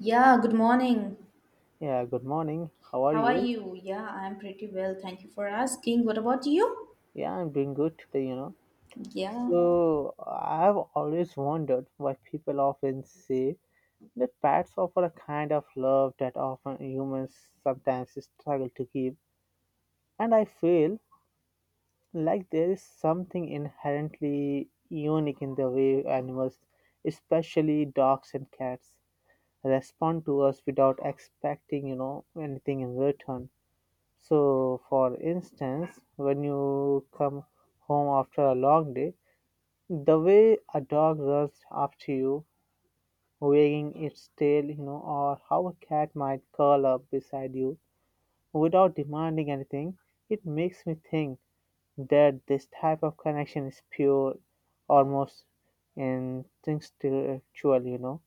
Yeah, good morning. Yeah, good morning. How are How are you? you? Yeah, I'm pretty well. Thank you for asking. What about you? Yeah, I'm doing good today, Yeah. So, I've always wondered why people often say that pets offer a kind of love that often humans sometimes struggle to give. And I feel like there is something inherently unique in the way animals, especially dogs and cats, respond to us without expecting anything in return. So, for instance, when you come home after a long day, the way a dog runs after you, wagging its tail, or how a cat might curl up beside you without demanding anything, it makes me think that this type of connection is pure, almost instinctual,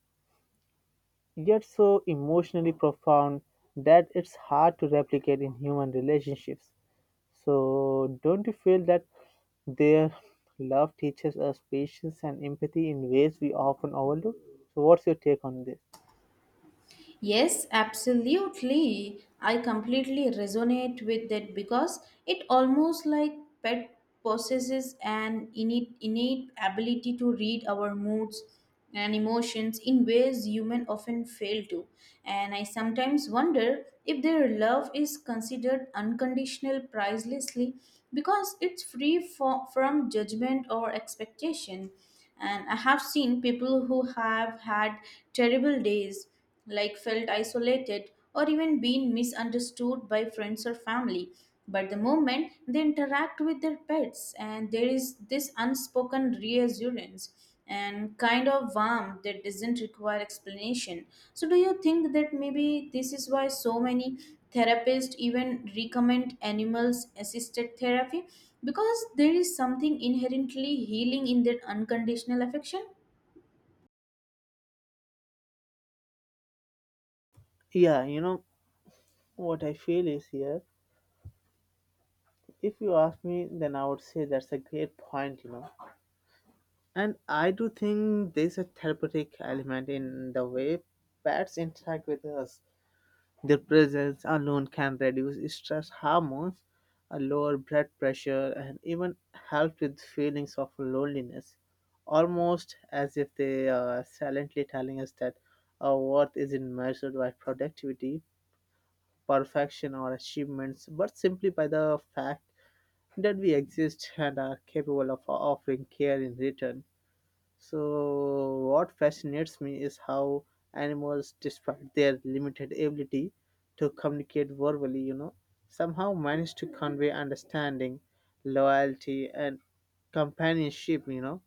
yet so emotionally profound that it's hard to replicate in human relationships. So, don't you feel that their love teaches us patience and empathy in ways we often overlook? So, what's your take on this? Yes, absolutely. I completely resonate with that because it almost like pet possesses an innate ability to read our moods and emotions in ways human often fail to. And I sometimes wonder if their love is considered unconditional pricelessly because it's free from judgment or expectation, and I have seen people who have had terrible days, like felt isolated or even been misunderstood by friends or family, but the moment they interact with their pets, and there is this unspoken reassurance and kind of warmth that doesn't require explanation. So, do you think that maybe this is why so many therapists even recommend animals assisted therapy? Because there is something inherently healing in that unconditional affection? Yeah, you know, what I feel is here, if you ask me, then I would say that's a great point. And I do think there's a therapeutic element in the way pets interact with us. Their presence alone can reduce stress hormones, lower blood pressure, and even help with feelings of loneliness, almost as if they are silently telling us that our worth isn't measured by productivity, perfection, or achievements, but simply by the fact that we exist and are capable of offering care in return. So, what fascinates me is how animals, despite their limited ability to communicate verbally, somehow manage to convey understanding, loyalty, and companionship.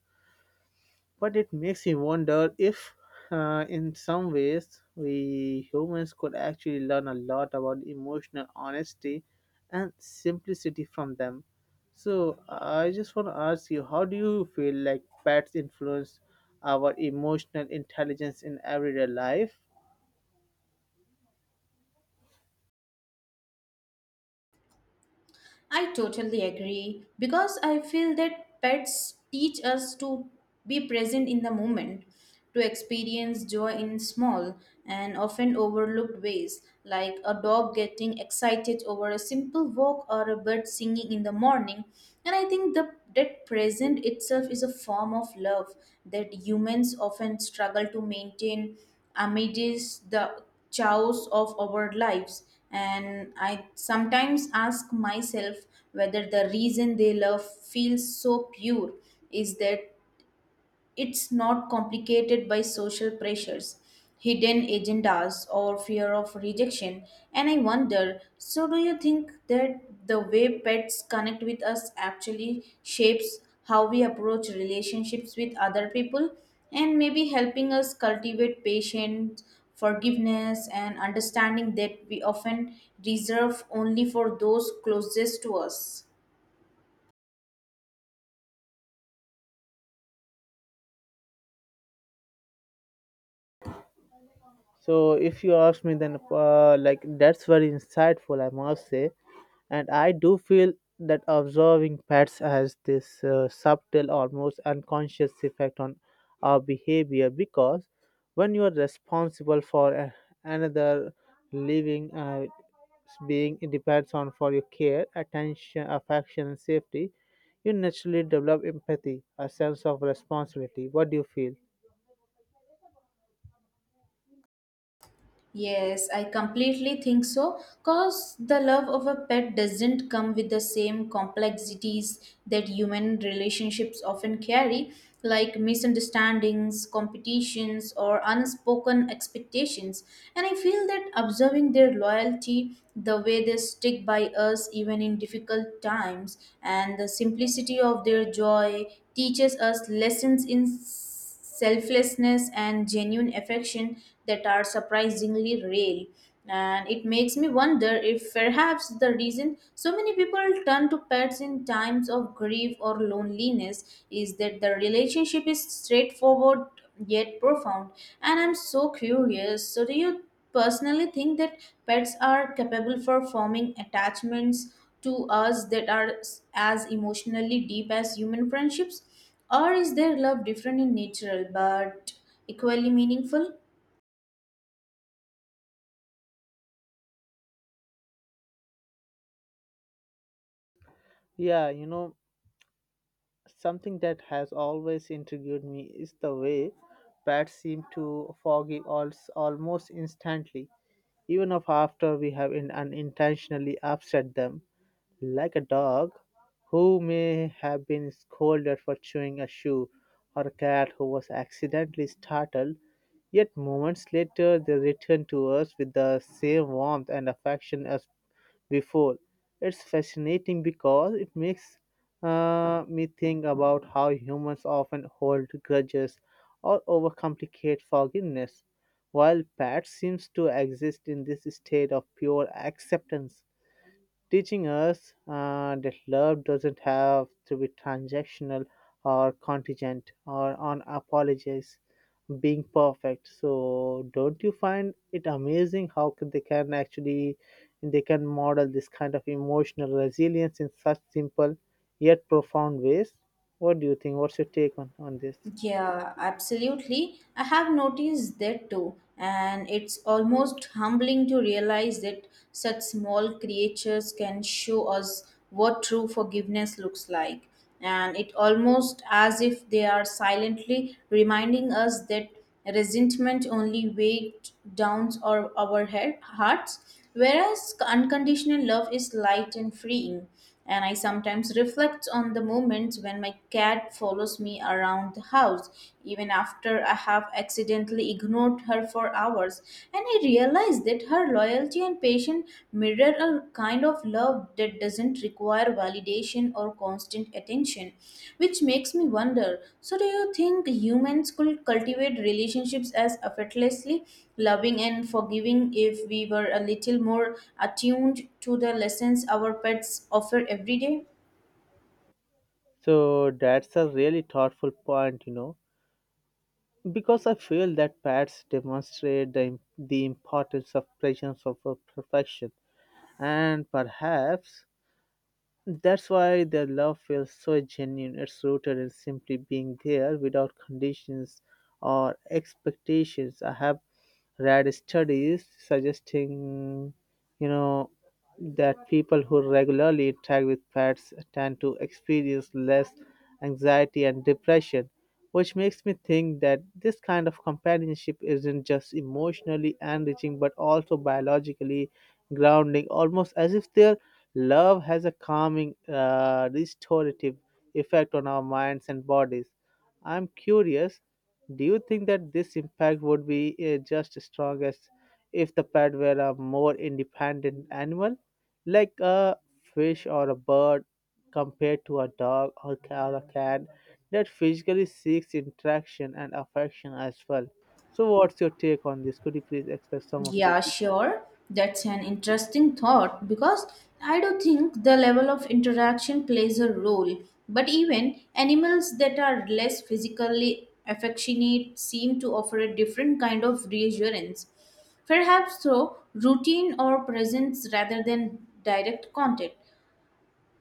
But it makes me wonder if in some ways, we humans could actually learn a lot about emotional honesty and simplicity from them. So, I just want to ask you, how do you feel like pets influence our emotional intelligence in everyday life? I totally agree because I feel that pets teach us to be present in the moment, to experience joy in small and often overlooked ways, like a dog getting excited over a simple walk or a bird singing in the morning. And I think the, that present itself is a form of love that humans often struggle to maintain amidst the chaos of our lives, and I sometimes ask myself whether the reason they love feels so pure is that it's not complicated by social pressures, hidden agendas, or fear of rejection. And I wonder, so, do you think that the way pets connect with us actually shapes how we approach relationships with other people, and maybe helping us cultivate patience, forgiveness, and understanding that we often reserve only for those closest to us? So, if you ask me, then that's very insightful, I must say. And I do feel that observing pets has this subtle, almost unconscious effect on our behavior because when you are responsible for another living being it depends on for your care, attention, affection and safety, you naturally develop empathy, a sense of responsibility. What do you feel? Yes, I completely think so. Because the love of a pet doesn't come with the same complexities that human relationships often carry, like misunderstandings, competitions, or unspoken expectations. And I feel that observing their loyalty, the way they stick by us even in difficult times, and the simplicity of their joy teaches us lessons in selflessness and genuine affection that are surprisingly real. And it makes me wonder if perhaps the reason so many people turn to pets in times of grief or loneliness is that the relationship is straightforward yet profound. And I'm so curious. So, do you personally think that pets are capable for forming attachments to us that are as emotionally deep as human friendships? Or is their love different in nature, but equally meaningful? yeah you know Something that has always intrigued me is the way bats seem to forgive us almost instantly, even if after we have unintentionally upset them, like a dog who may have been scolded for chewing a shoe, or a cat who was accidentally startled, yet moments later they return to us with the same warmth and affection as before. It's fascinating because it makes me think about how humans often hold grudges or overcomplicate forgiveness, while pets seems to exist in this state of pure acceptance, teaching us that love doesn't have to be transactional or contingent or on apologies being perfect. So don't you find it amazing how they can actually, they can model this kind of emotional resilience in such simple yet profound ways? What do you think? What's your take on this? Yeah, absolutely. I have noticed that too, and it's almost humbling to realize that such small creatures can show us what true forgiveness looks like. And it almost as if they are silently reminding us that resentment only weighs down our head, hearts, whereas unconditional love is light and freeing. And I sometimes reflect on the moments when my cat follows me around the house, even after I have accidentally ignored her for hours. And I realize that her loyalty and patience mirror a kind of love that doesn't require validation or constant attention, which makes me wonder, so, do you think humans could cultivate relationships as effortlessly loving and forgiving if we were a little more attuned to the lessons our pets offer every day? So that's a really thoughtful point, you know. Because I feel that pets demonstrate the importance of presence over perfection, and perhaps that's why their love feels so genuine. It's rooted in simply being there without conditions or expectations. I have read studies suggesting, you know that people who regularly interact with pets tend to experience less anxiety and depression, which makes me think that this kind of companionship isn't just emotionally enriching but also biologically grounding, almost as if their love has a calming, restorative effect on our minds and bodies. I'm curious, do you think that this impact would be just as strong as if the pet were a more independent animal, like a fish or a bird, compared to a dog or or a cat that physically seeks interaction and affection as well? So, what's your take on this? Could you please express some of it? Yeah, sure. That's an interesting thought because I do think the level of interaction plays a role. But even animals that are less physically affectionate seem to offer a different kind of reassurance. Perhaps through routine or presence rather than direct contact.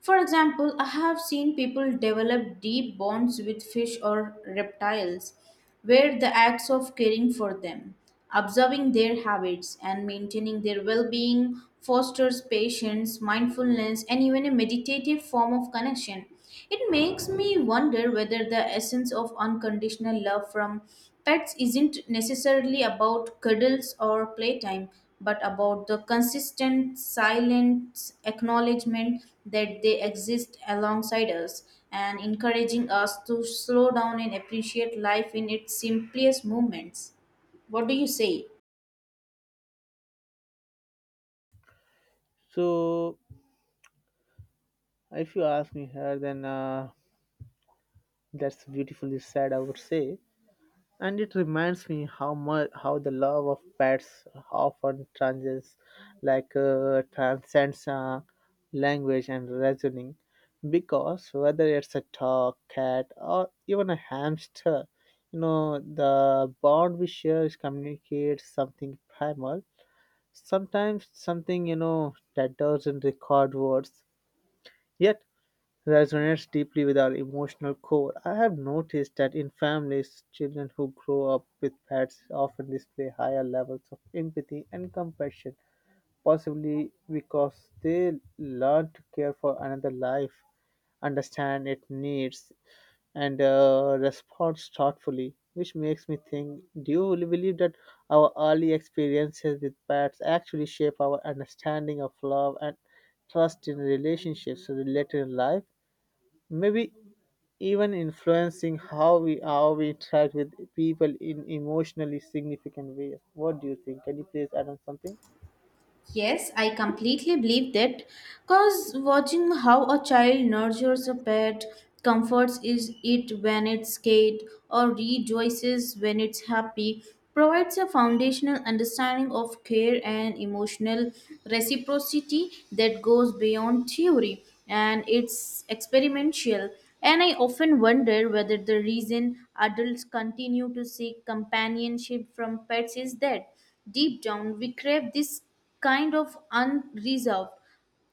For example, I have seen people develop deep bonds with fish or reptiles, where the acts of caring for them, observing their habits, and maintaining their well being fosters patience, mindfulness, and even a meditative form of connection. It makes me wonder whether the essence of unconditional love from pets isn't necessarily about cuddles or playtime, but about the consistent, silent acknowledgement that they exist alongside us and encouraging us to slow down and appreciate life in its simplest moments. What do you say? So, if you ask me here, then that's beautifully said, I would say. And it reminds me how much, how the love of pets often transcends language and reasoning, because whether it's a dog, cat, or even a hamster, you know the bond we share is communicates something primal. Sometimes something, you know, that doesn't record words, yet resonates deeply with our emotional core. I have noticed that in families, children who grow up with pets often display higher levels of empathy and compassion, possibly because they learn to care for another life, understand its needs, and responds thoughtfully. Which makes me think, do you really believe that our early experiences with pets actually shape our understanding of love and trust in relationships later in life? Maybe even influencing how we interact with people in emotionally significant ways. What do you think? Can you please add on something? Yes, I completely believe that because watching how a child nurtures a pet, comforts is it when it's scared, or rejoices when it's happy, provides a foundational understanding of care and emotional reciprocity that goes beyond theory and it's experimental. And I often wonder whether the reason adults continue to seek companionship from pets is that deep down we crave this kind of unreserved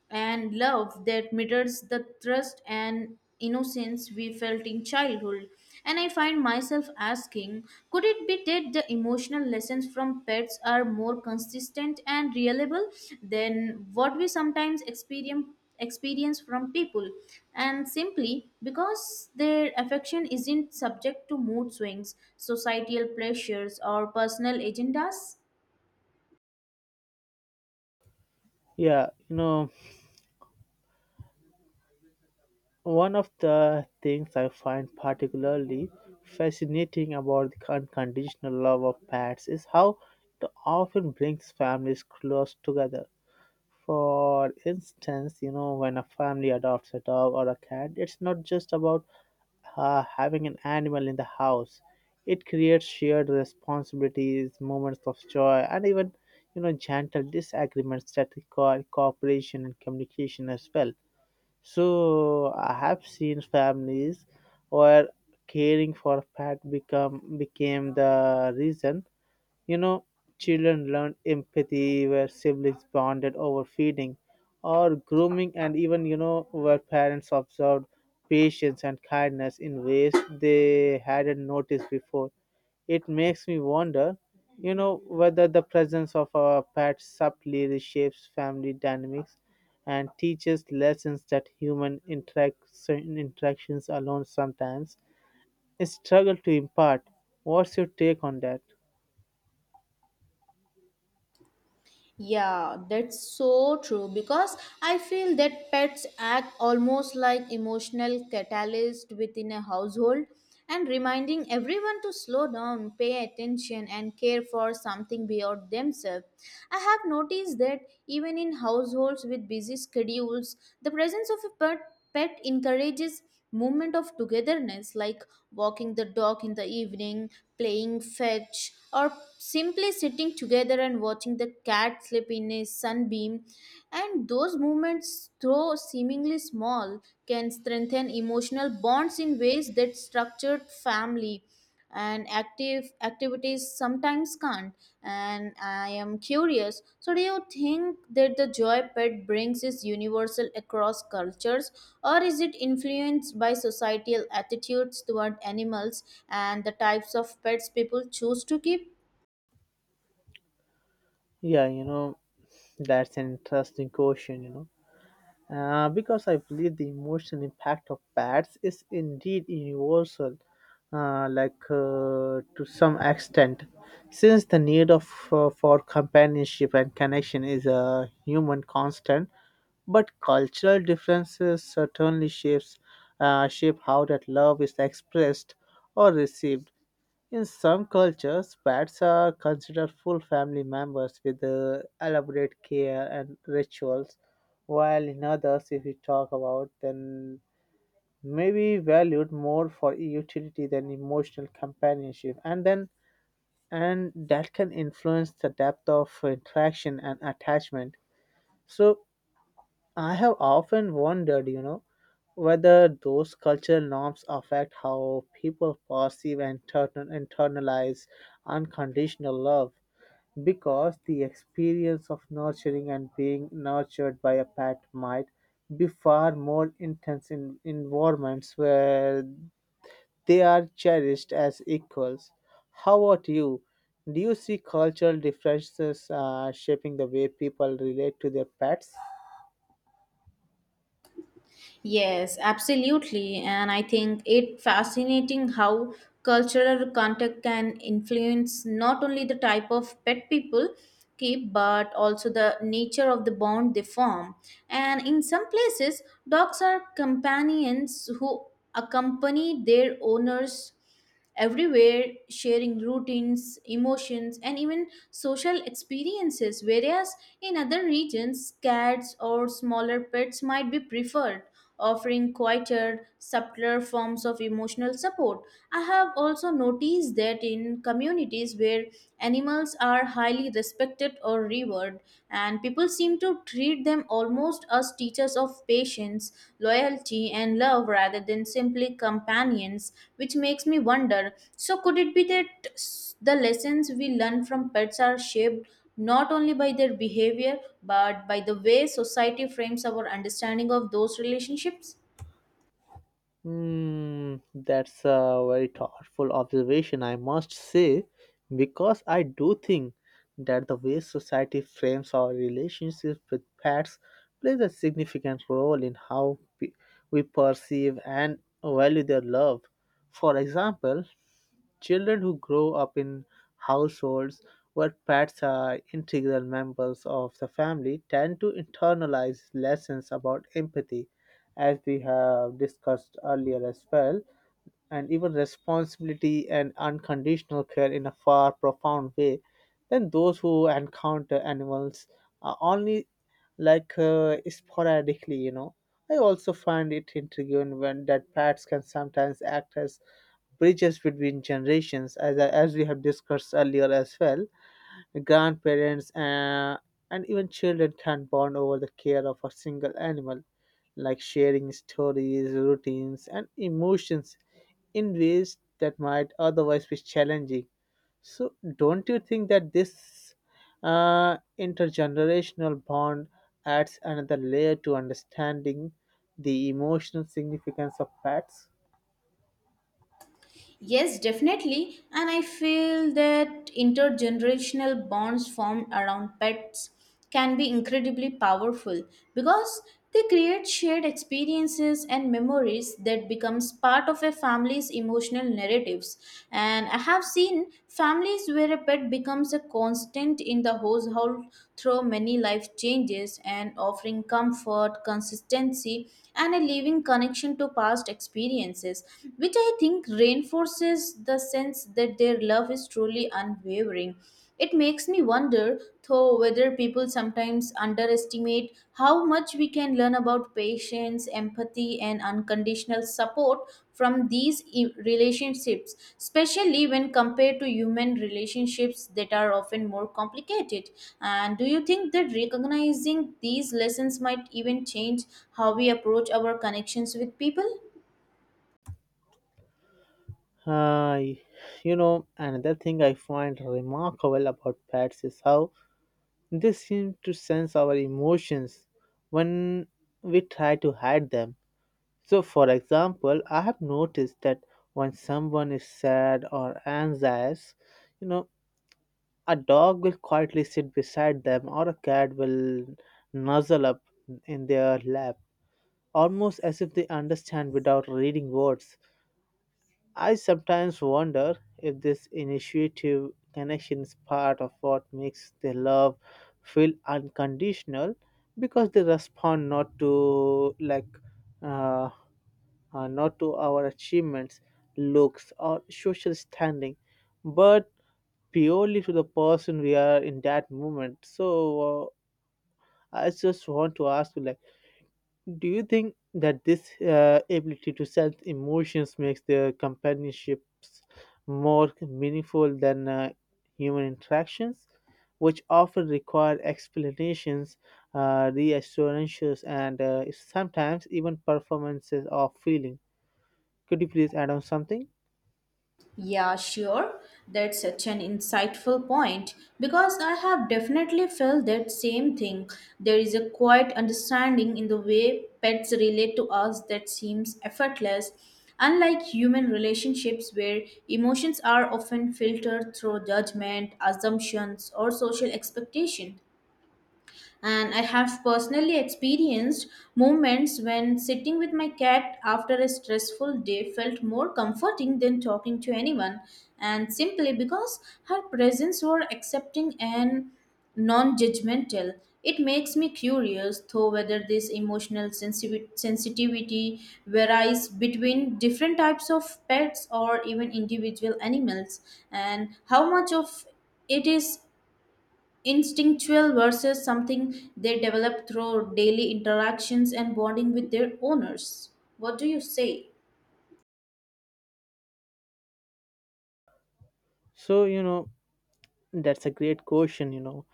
and love that mirrors the trust and innocence we felt in childhood. And I find myself asking, could it be that the emotional lessons from pets are more consistent and reliable than what we sometimes experience from people, and simply because their affection isn't subject to mood swings, societal pressures, or personal agendas? Yeah, you know, one of the things I find particularly fascinating about the unconditional love of pets is how it often brings families close together. For instance, you know, when a family adopts a dog or a cat, it's not just about having an animal in the house. It creates shared responsibilities, moments of joy, and even, you know, gentle disagreements that require cooperation and communication as well. So I have seen families where caring for pet become became the reason. You know, children learned empathy, where siblings bonded over feeding or grooming, and even, you know, where parents observed patience and kindness in ways they hadn't noticed before. It makes me wonder, you know, whether the presence of our pets subtly reshapes family dynamics and teaches lessons that interactions alone sometimes struggle to impart. What's your take on that? Yeah, that's so true because I feel that pets act almost like emotional catalyst within a household and reminding everyone to slow down, pay attention, and care for something beyond themselves. I have noticed that even in households with busy schedules, the presence of a pet encourages moment of togetherness, like walking the dog in the evening, playing fetch, or simply sitting together and watching the cat sleep in a sunbeam. And those moments, though seemingly small, can strengthen emotional bonds in ways that structured family and active activities sometimes can't. And I am curious, so, do you think that the joy pet brings is universal across cultures, or is it influenced by societal attitudes toward animals and the types of pets people choose to keep? Yeah, you know, that's an interesting question, you know. Because I believe the emotional impact of pets is indeed universal, to some extent, since the need of for companionship and connection is a human constant. But cultural differences certainly shapes shape how that love is expressed or received. In some cultures, pets are considered full family members with elaborate care and rituals, while in others, if we talk about, then maybe valued more for utility than emotional companionship, and then and that can influence the depth of interaction and attachment. So I have often wondered, you know, whether those cultural norms affect how people perceive and internalize unconditional love, because the experience of nurturing and being nurtured by a pet might be far more intense in environments where they are cherished as equals. How about you? Do you see cultural differences shaping the way people relate to their pets? Yes, absolutely. And I think it fascinating how cultural contact can influence not only the type of pet people keep but also the nature of the bond they form. And in some places, dogs are companions who accompany their owners everywhere, sharing routines, emotions, and even social experiences. Whereas in other regions, cats or smaller pets might be preferred, offering quieter, subtler forms of emotional support. I have also noticed that in communities where animals are highly respected or revered, every word, and people seem to treat them almost as teachers of patience, loyalty, and love rather than simply companions, which makes me wonder, so, could it be that the lessons we learn from pets are shaped? Not only by their behavior, but by the way society frames our understanding of those relationships? Hmm, that's a very thoughtful observation, I must say, because I do think that the way society frames our relationships with pets plays a significant role in how we perceive and value their love. For example, children who grow up in households where pets are integral members of the family tend to internalize lessons about empathy, as we have discussed earlier as well, and even responsibility and unconditional care in a far profound way than those who encounter animals only sporadically, you know. I also find it intriguing when that pets can sometimes act as bridges between generations, as we have discussed earlier as well. Grandparents and even children can bond over the care of a single animal, like sharing stories, routines and emotions in ways that might otherwise be challenging. So don't you think that this intergenerational bond adds another layer to understanding the emotional significance of pets? Yes, definitely. And I feel that intergenerational bonds formed around pets can be incredibly powerful because they create shared experiences and memories that becomes part of a family's emotional narratives. And I have seen families where a pet becomes a constant in the household through many life changes, and offering comfort, consistency, and a living connection to past experiences, which I think reinforces the sense that their love is truly unwavering. It makes me wonder, though, whether people sometimes underestimate how much we can learn about patience, empathy, and unconditional support from these relationships, especially when compared to human relationships that are often more complicated. And do you think that recognizing these lessons might even change how we approach our connections with people? Hi, you know, another thing I find remarkable about pets is how they seem to sense our emotions when we try to hide them. So, for example, I have noticed that when someone is sad or anxious, you know, a dog will quietly sit beside them, or a cat will nuzzle up in their lap, almost as if they understand without reading words. I sometimes wonder if this initiative connection is part of what makes their love feel unconditional, because they respond uh, not to our achievements, looks or social standing, but purely to the person we are in that moment. So I just want to ask you, like, do you think that this ability to sense emotions makes their companionships more meaningful than human interactions, which often require explanations, reassurances, and sometimes even performances of feeling? Could you please add on something? Yeah, sure. That's such an insightful point because I have definitely felt that same thing. There is a quiet understanding in the way pets relate to us that seems effortless, unlike human relationships where emotions are often filtered through judgment, assumptions, or social expectation. And I have personally experienced moments when sitting with my cat after a stressful day felt more comforting than talking to anyone, and simply because her presence was accepting and non judgmental. It makes me curious, though, whether this emotional sensitivity varies between different types of pets or even individual animals, and how much of it is instinctual versus something they develop through daily interactions and bonding with their owners. What do you say? So, you know, that's a great question, you know.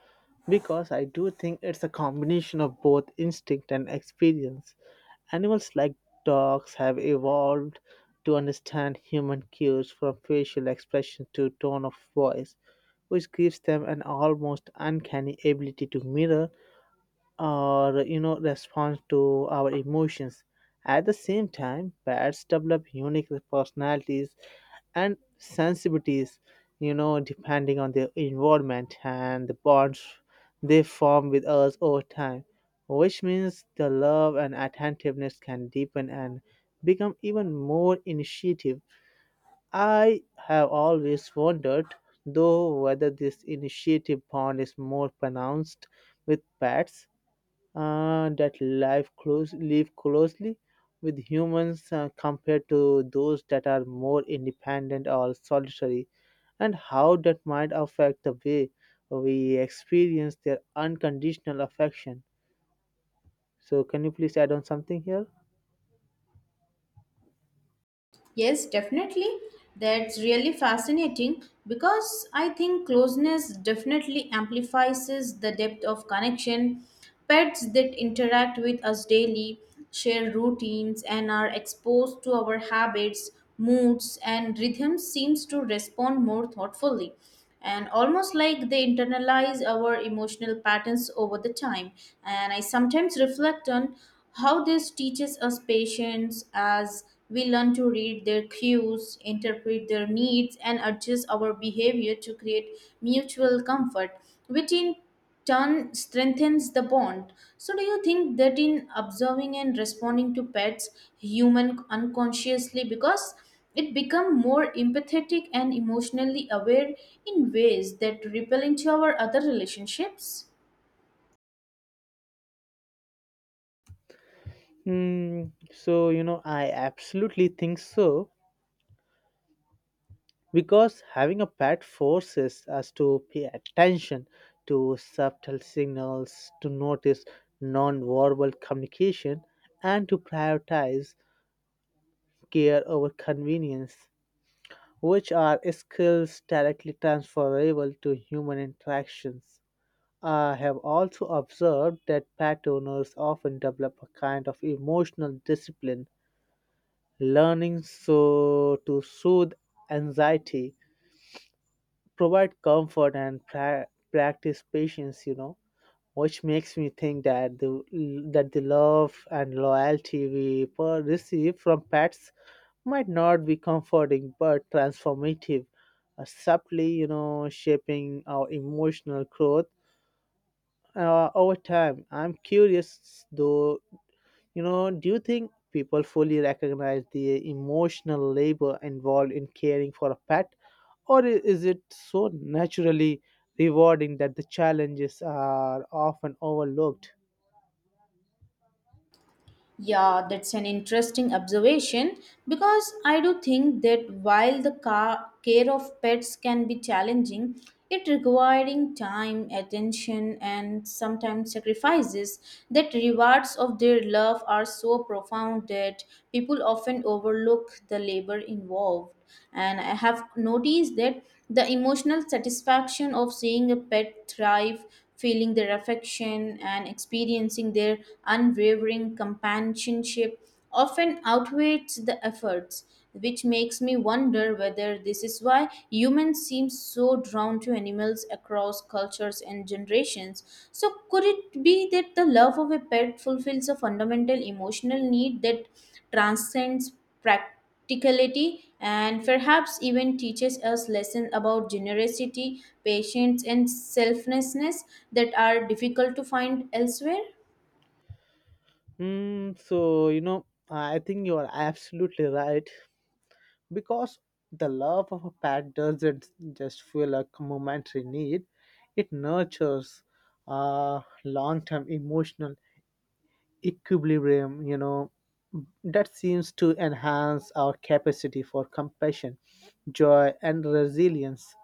Because I do think it's a combination of both instinct and experience. Animals like dogs have evolved to understand human cues from facial expression to tone of voice, which gives them an almost uncanny ability to mirror or response to our emotions. At the same time, bats develop unique personalities and sensitivities, depending on their environment and the bonds they form with us over time, which means the love and attentiveness can deepen and become even more initiative. I have always wondered though whether this initiative bond is more pronounced with pets that life close live closely with humans, compared to those that are more independent or solitary, and how that might affect the way we experience their unconditional affection. So, can you please add on something here? Yes, definitely. That's really fascinating because I think closeness definitely amplifies the depth of connection. Pets that interact with us daily, share routines, and are exposed to our habits, moods, and rhythms seems to respond more thoughtfully, and almost like they internalize our emotional patterns over the time. And I sometimes reflect on how this teaches us patience as we learn to read their cues, interpret their needs, and adjust our behavior to create mutual comfort, which in turn strengthens the bond. So, do you think that in observing and responding to pets, human unconsciously because it become more empathetic and emotionally aware in ways that ripple into our other relationships? Hmm. So, I absolutely think so because having a pet forces us to pay attention to subtle signals, to notice non-verbal communication, and to prioritize care over convenience, which are skills directly transferable to human interactions. I have also observed that pet owners often develop a kind of emotional discipline, learning so to soothe anxiety, provide comfort, and practice patience, which makes me think that the love and loyalty we receive from pets might not be comforting but transformative, subtly shaping our emotional growth over time. I'm curious though, do you think people fully recognize the emotional labor involved in caring for a pet, or is it so naturally rewarding that the challenges are often overlooked? Yeah, that's an interesting observation because I do think that while the care of pets can be challenging, it requiring time, attention, and sometimes sacrifices, that rewards of their love are so profound that people often overlook the labor involved. And I have noticed that the emotional satisfaction of seeing a pet thrive, feeling their affection, and experiencing their unwavering companionship often outweighs the efforts, which makes me wonder whether this is why humans seem so drawn to animals across cultures and generations. So, could it be that the love of a pet fulfills a fundamental emotional need that transcends practice? practicality, and perhaps even teaches us lessons about generosity, patience, and selflessness that are difficult to find elsewhere. Hmm. So, I think you are absolutely right because the love of a pet doesn't just feel like a momentary need, it nurtures a long term emotional equilibrium, that seems to enhance our capacity for compassion, joy, and resilience.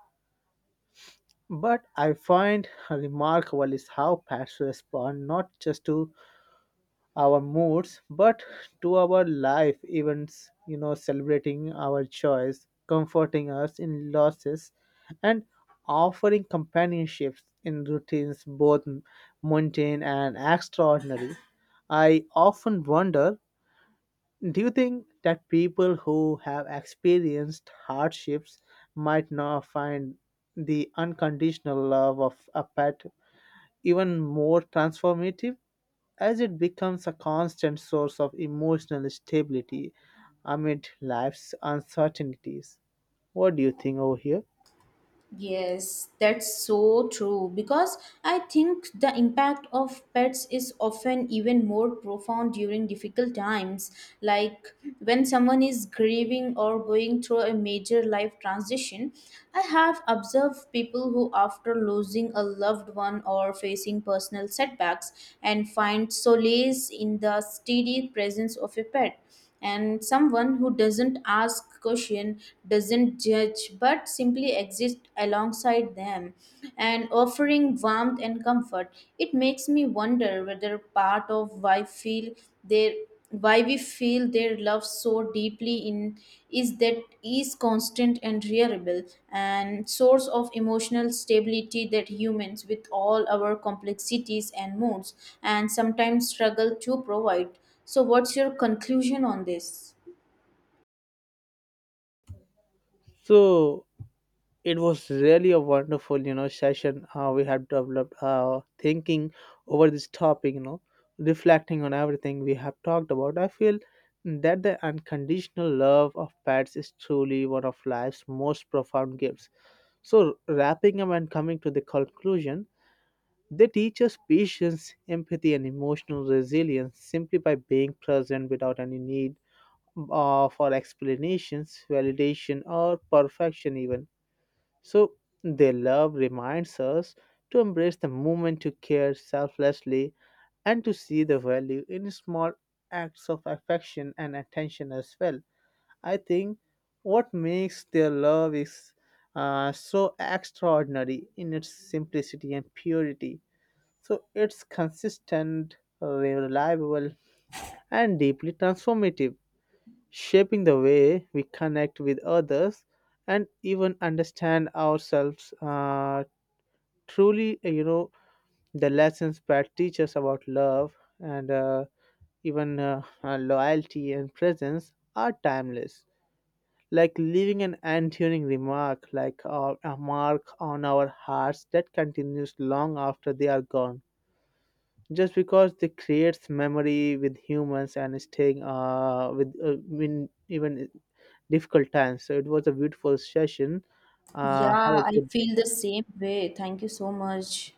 But I find remarkable is how pets respond not just to our moods but to our life events, celebrating our joys, comforting us in losses, and offering companionship in routines both mundane and extraordinary. I often wonder, do you think that people who have experienced hardships might now find the unconditional love of a pet even more transformative, as it becomes a constant source of emotional stability amid life's uncertainties? What do you think over here? Yes, that's so true because I think the impact of pets is often even more profound during difficult times, like when someone is grieving or going through a major life transition. I have observed people who, after losing a loved one or facing personal setbacks, and find solace in the steady presence of a pet, and someone who doesn't ask question, doesn't judge, but simply exist alongside them and offering warmth and comfort. It makes me wonder whether part of why feel their why we feel their love so deeply in is that is constant and reliable and source of emotional stability that humans, with all our complexities and moods, and sometimes struggle to provide. So, what's your conclusion on this? So, it was really a wonderful session. We have developed thinking over this topic. You know, reflecting on everything we have talked about, I feel that the unconditional love of pets is truly one of life's most profound gifts. So, wrapping up and coming to the conclusion, they teach us patience, empathy, and emotional resilience simply by being present without any need, for explanations, validation, or perfection even. So, their love reminds us to embrace the moment, to care selflessly, and to see the value in small acts of affection and attention as well. I think what makes their love is so extraordinary in its simplicity and purity. So, it's consistent, reliable, and deeply transformative, shaping the way we connect with others and even understand ourselves. Truly, the lessons pat teaches about love and, even loyalty and presence, are timeless, like leaving an enduring remark, like a mark on our hearts that continues long after they are gone, just because they creates memory with humans and staying, with in even difficult times. So, it was a beautiful session. Have Yeah, a I good feel the same way. Thank you so much.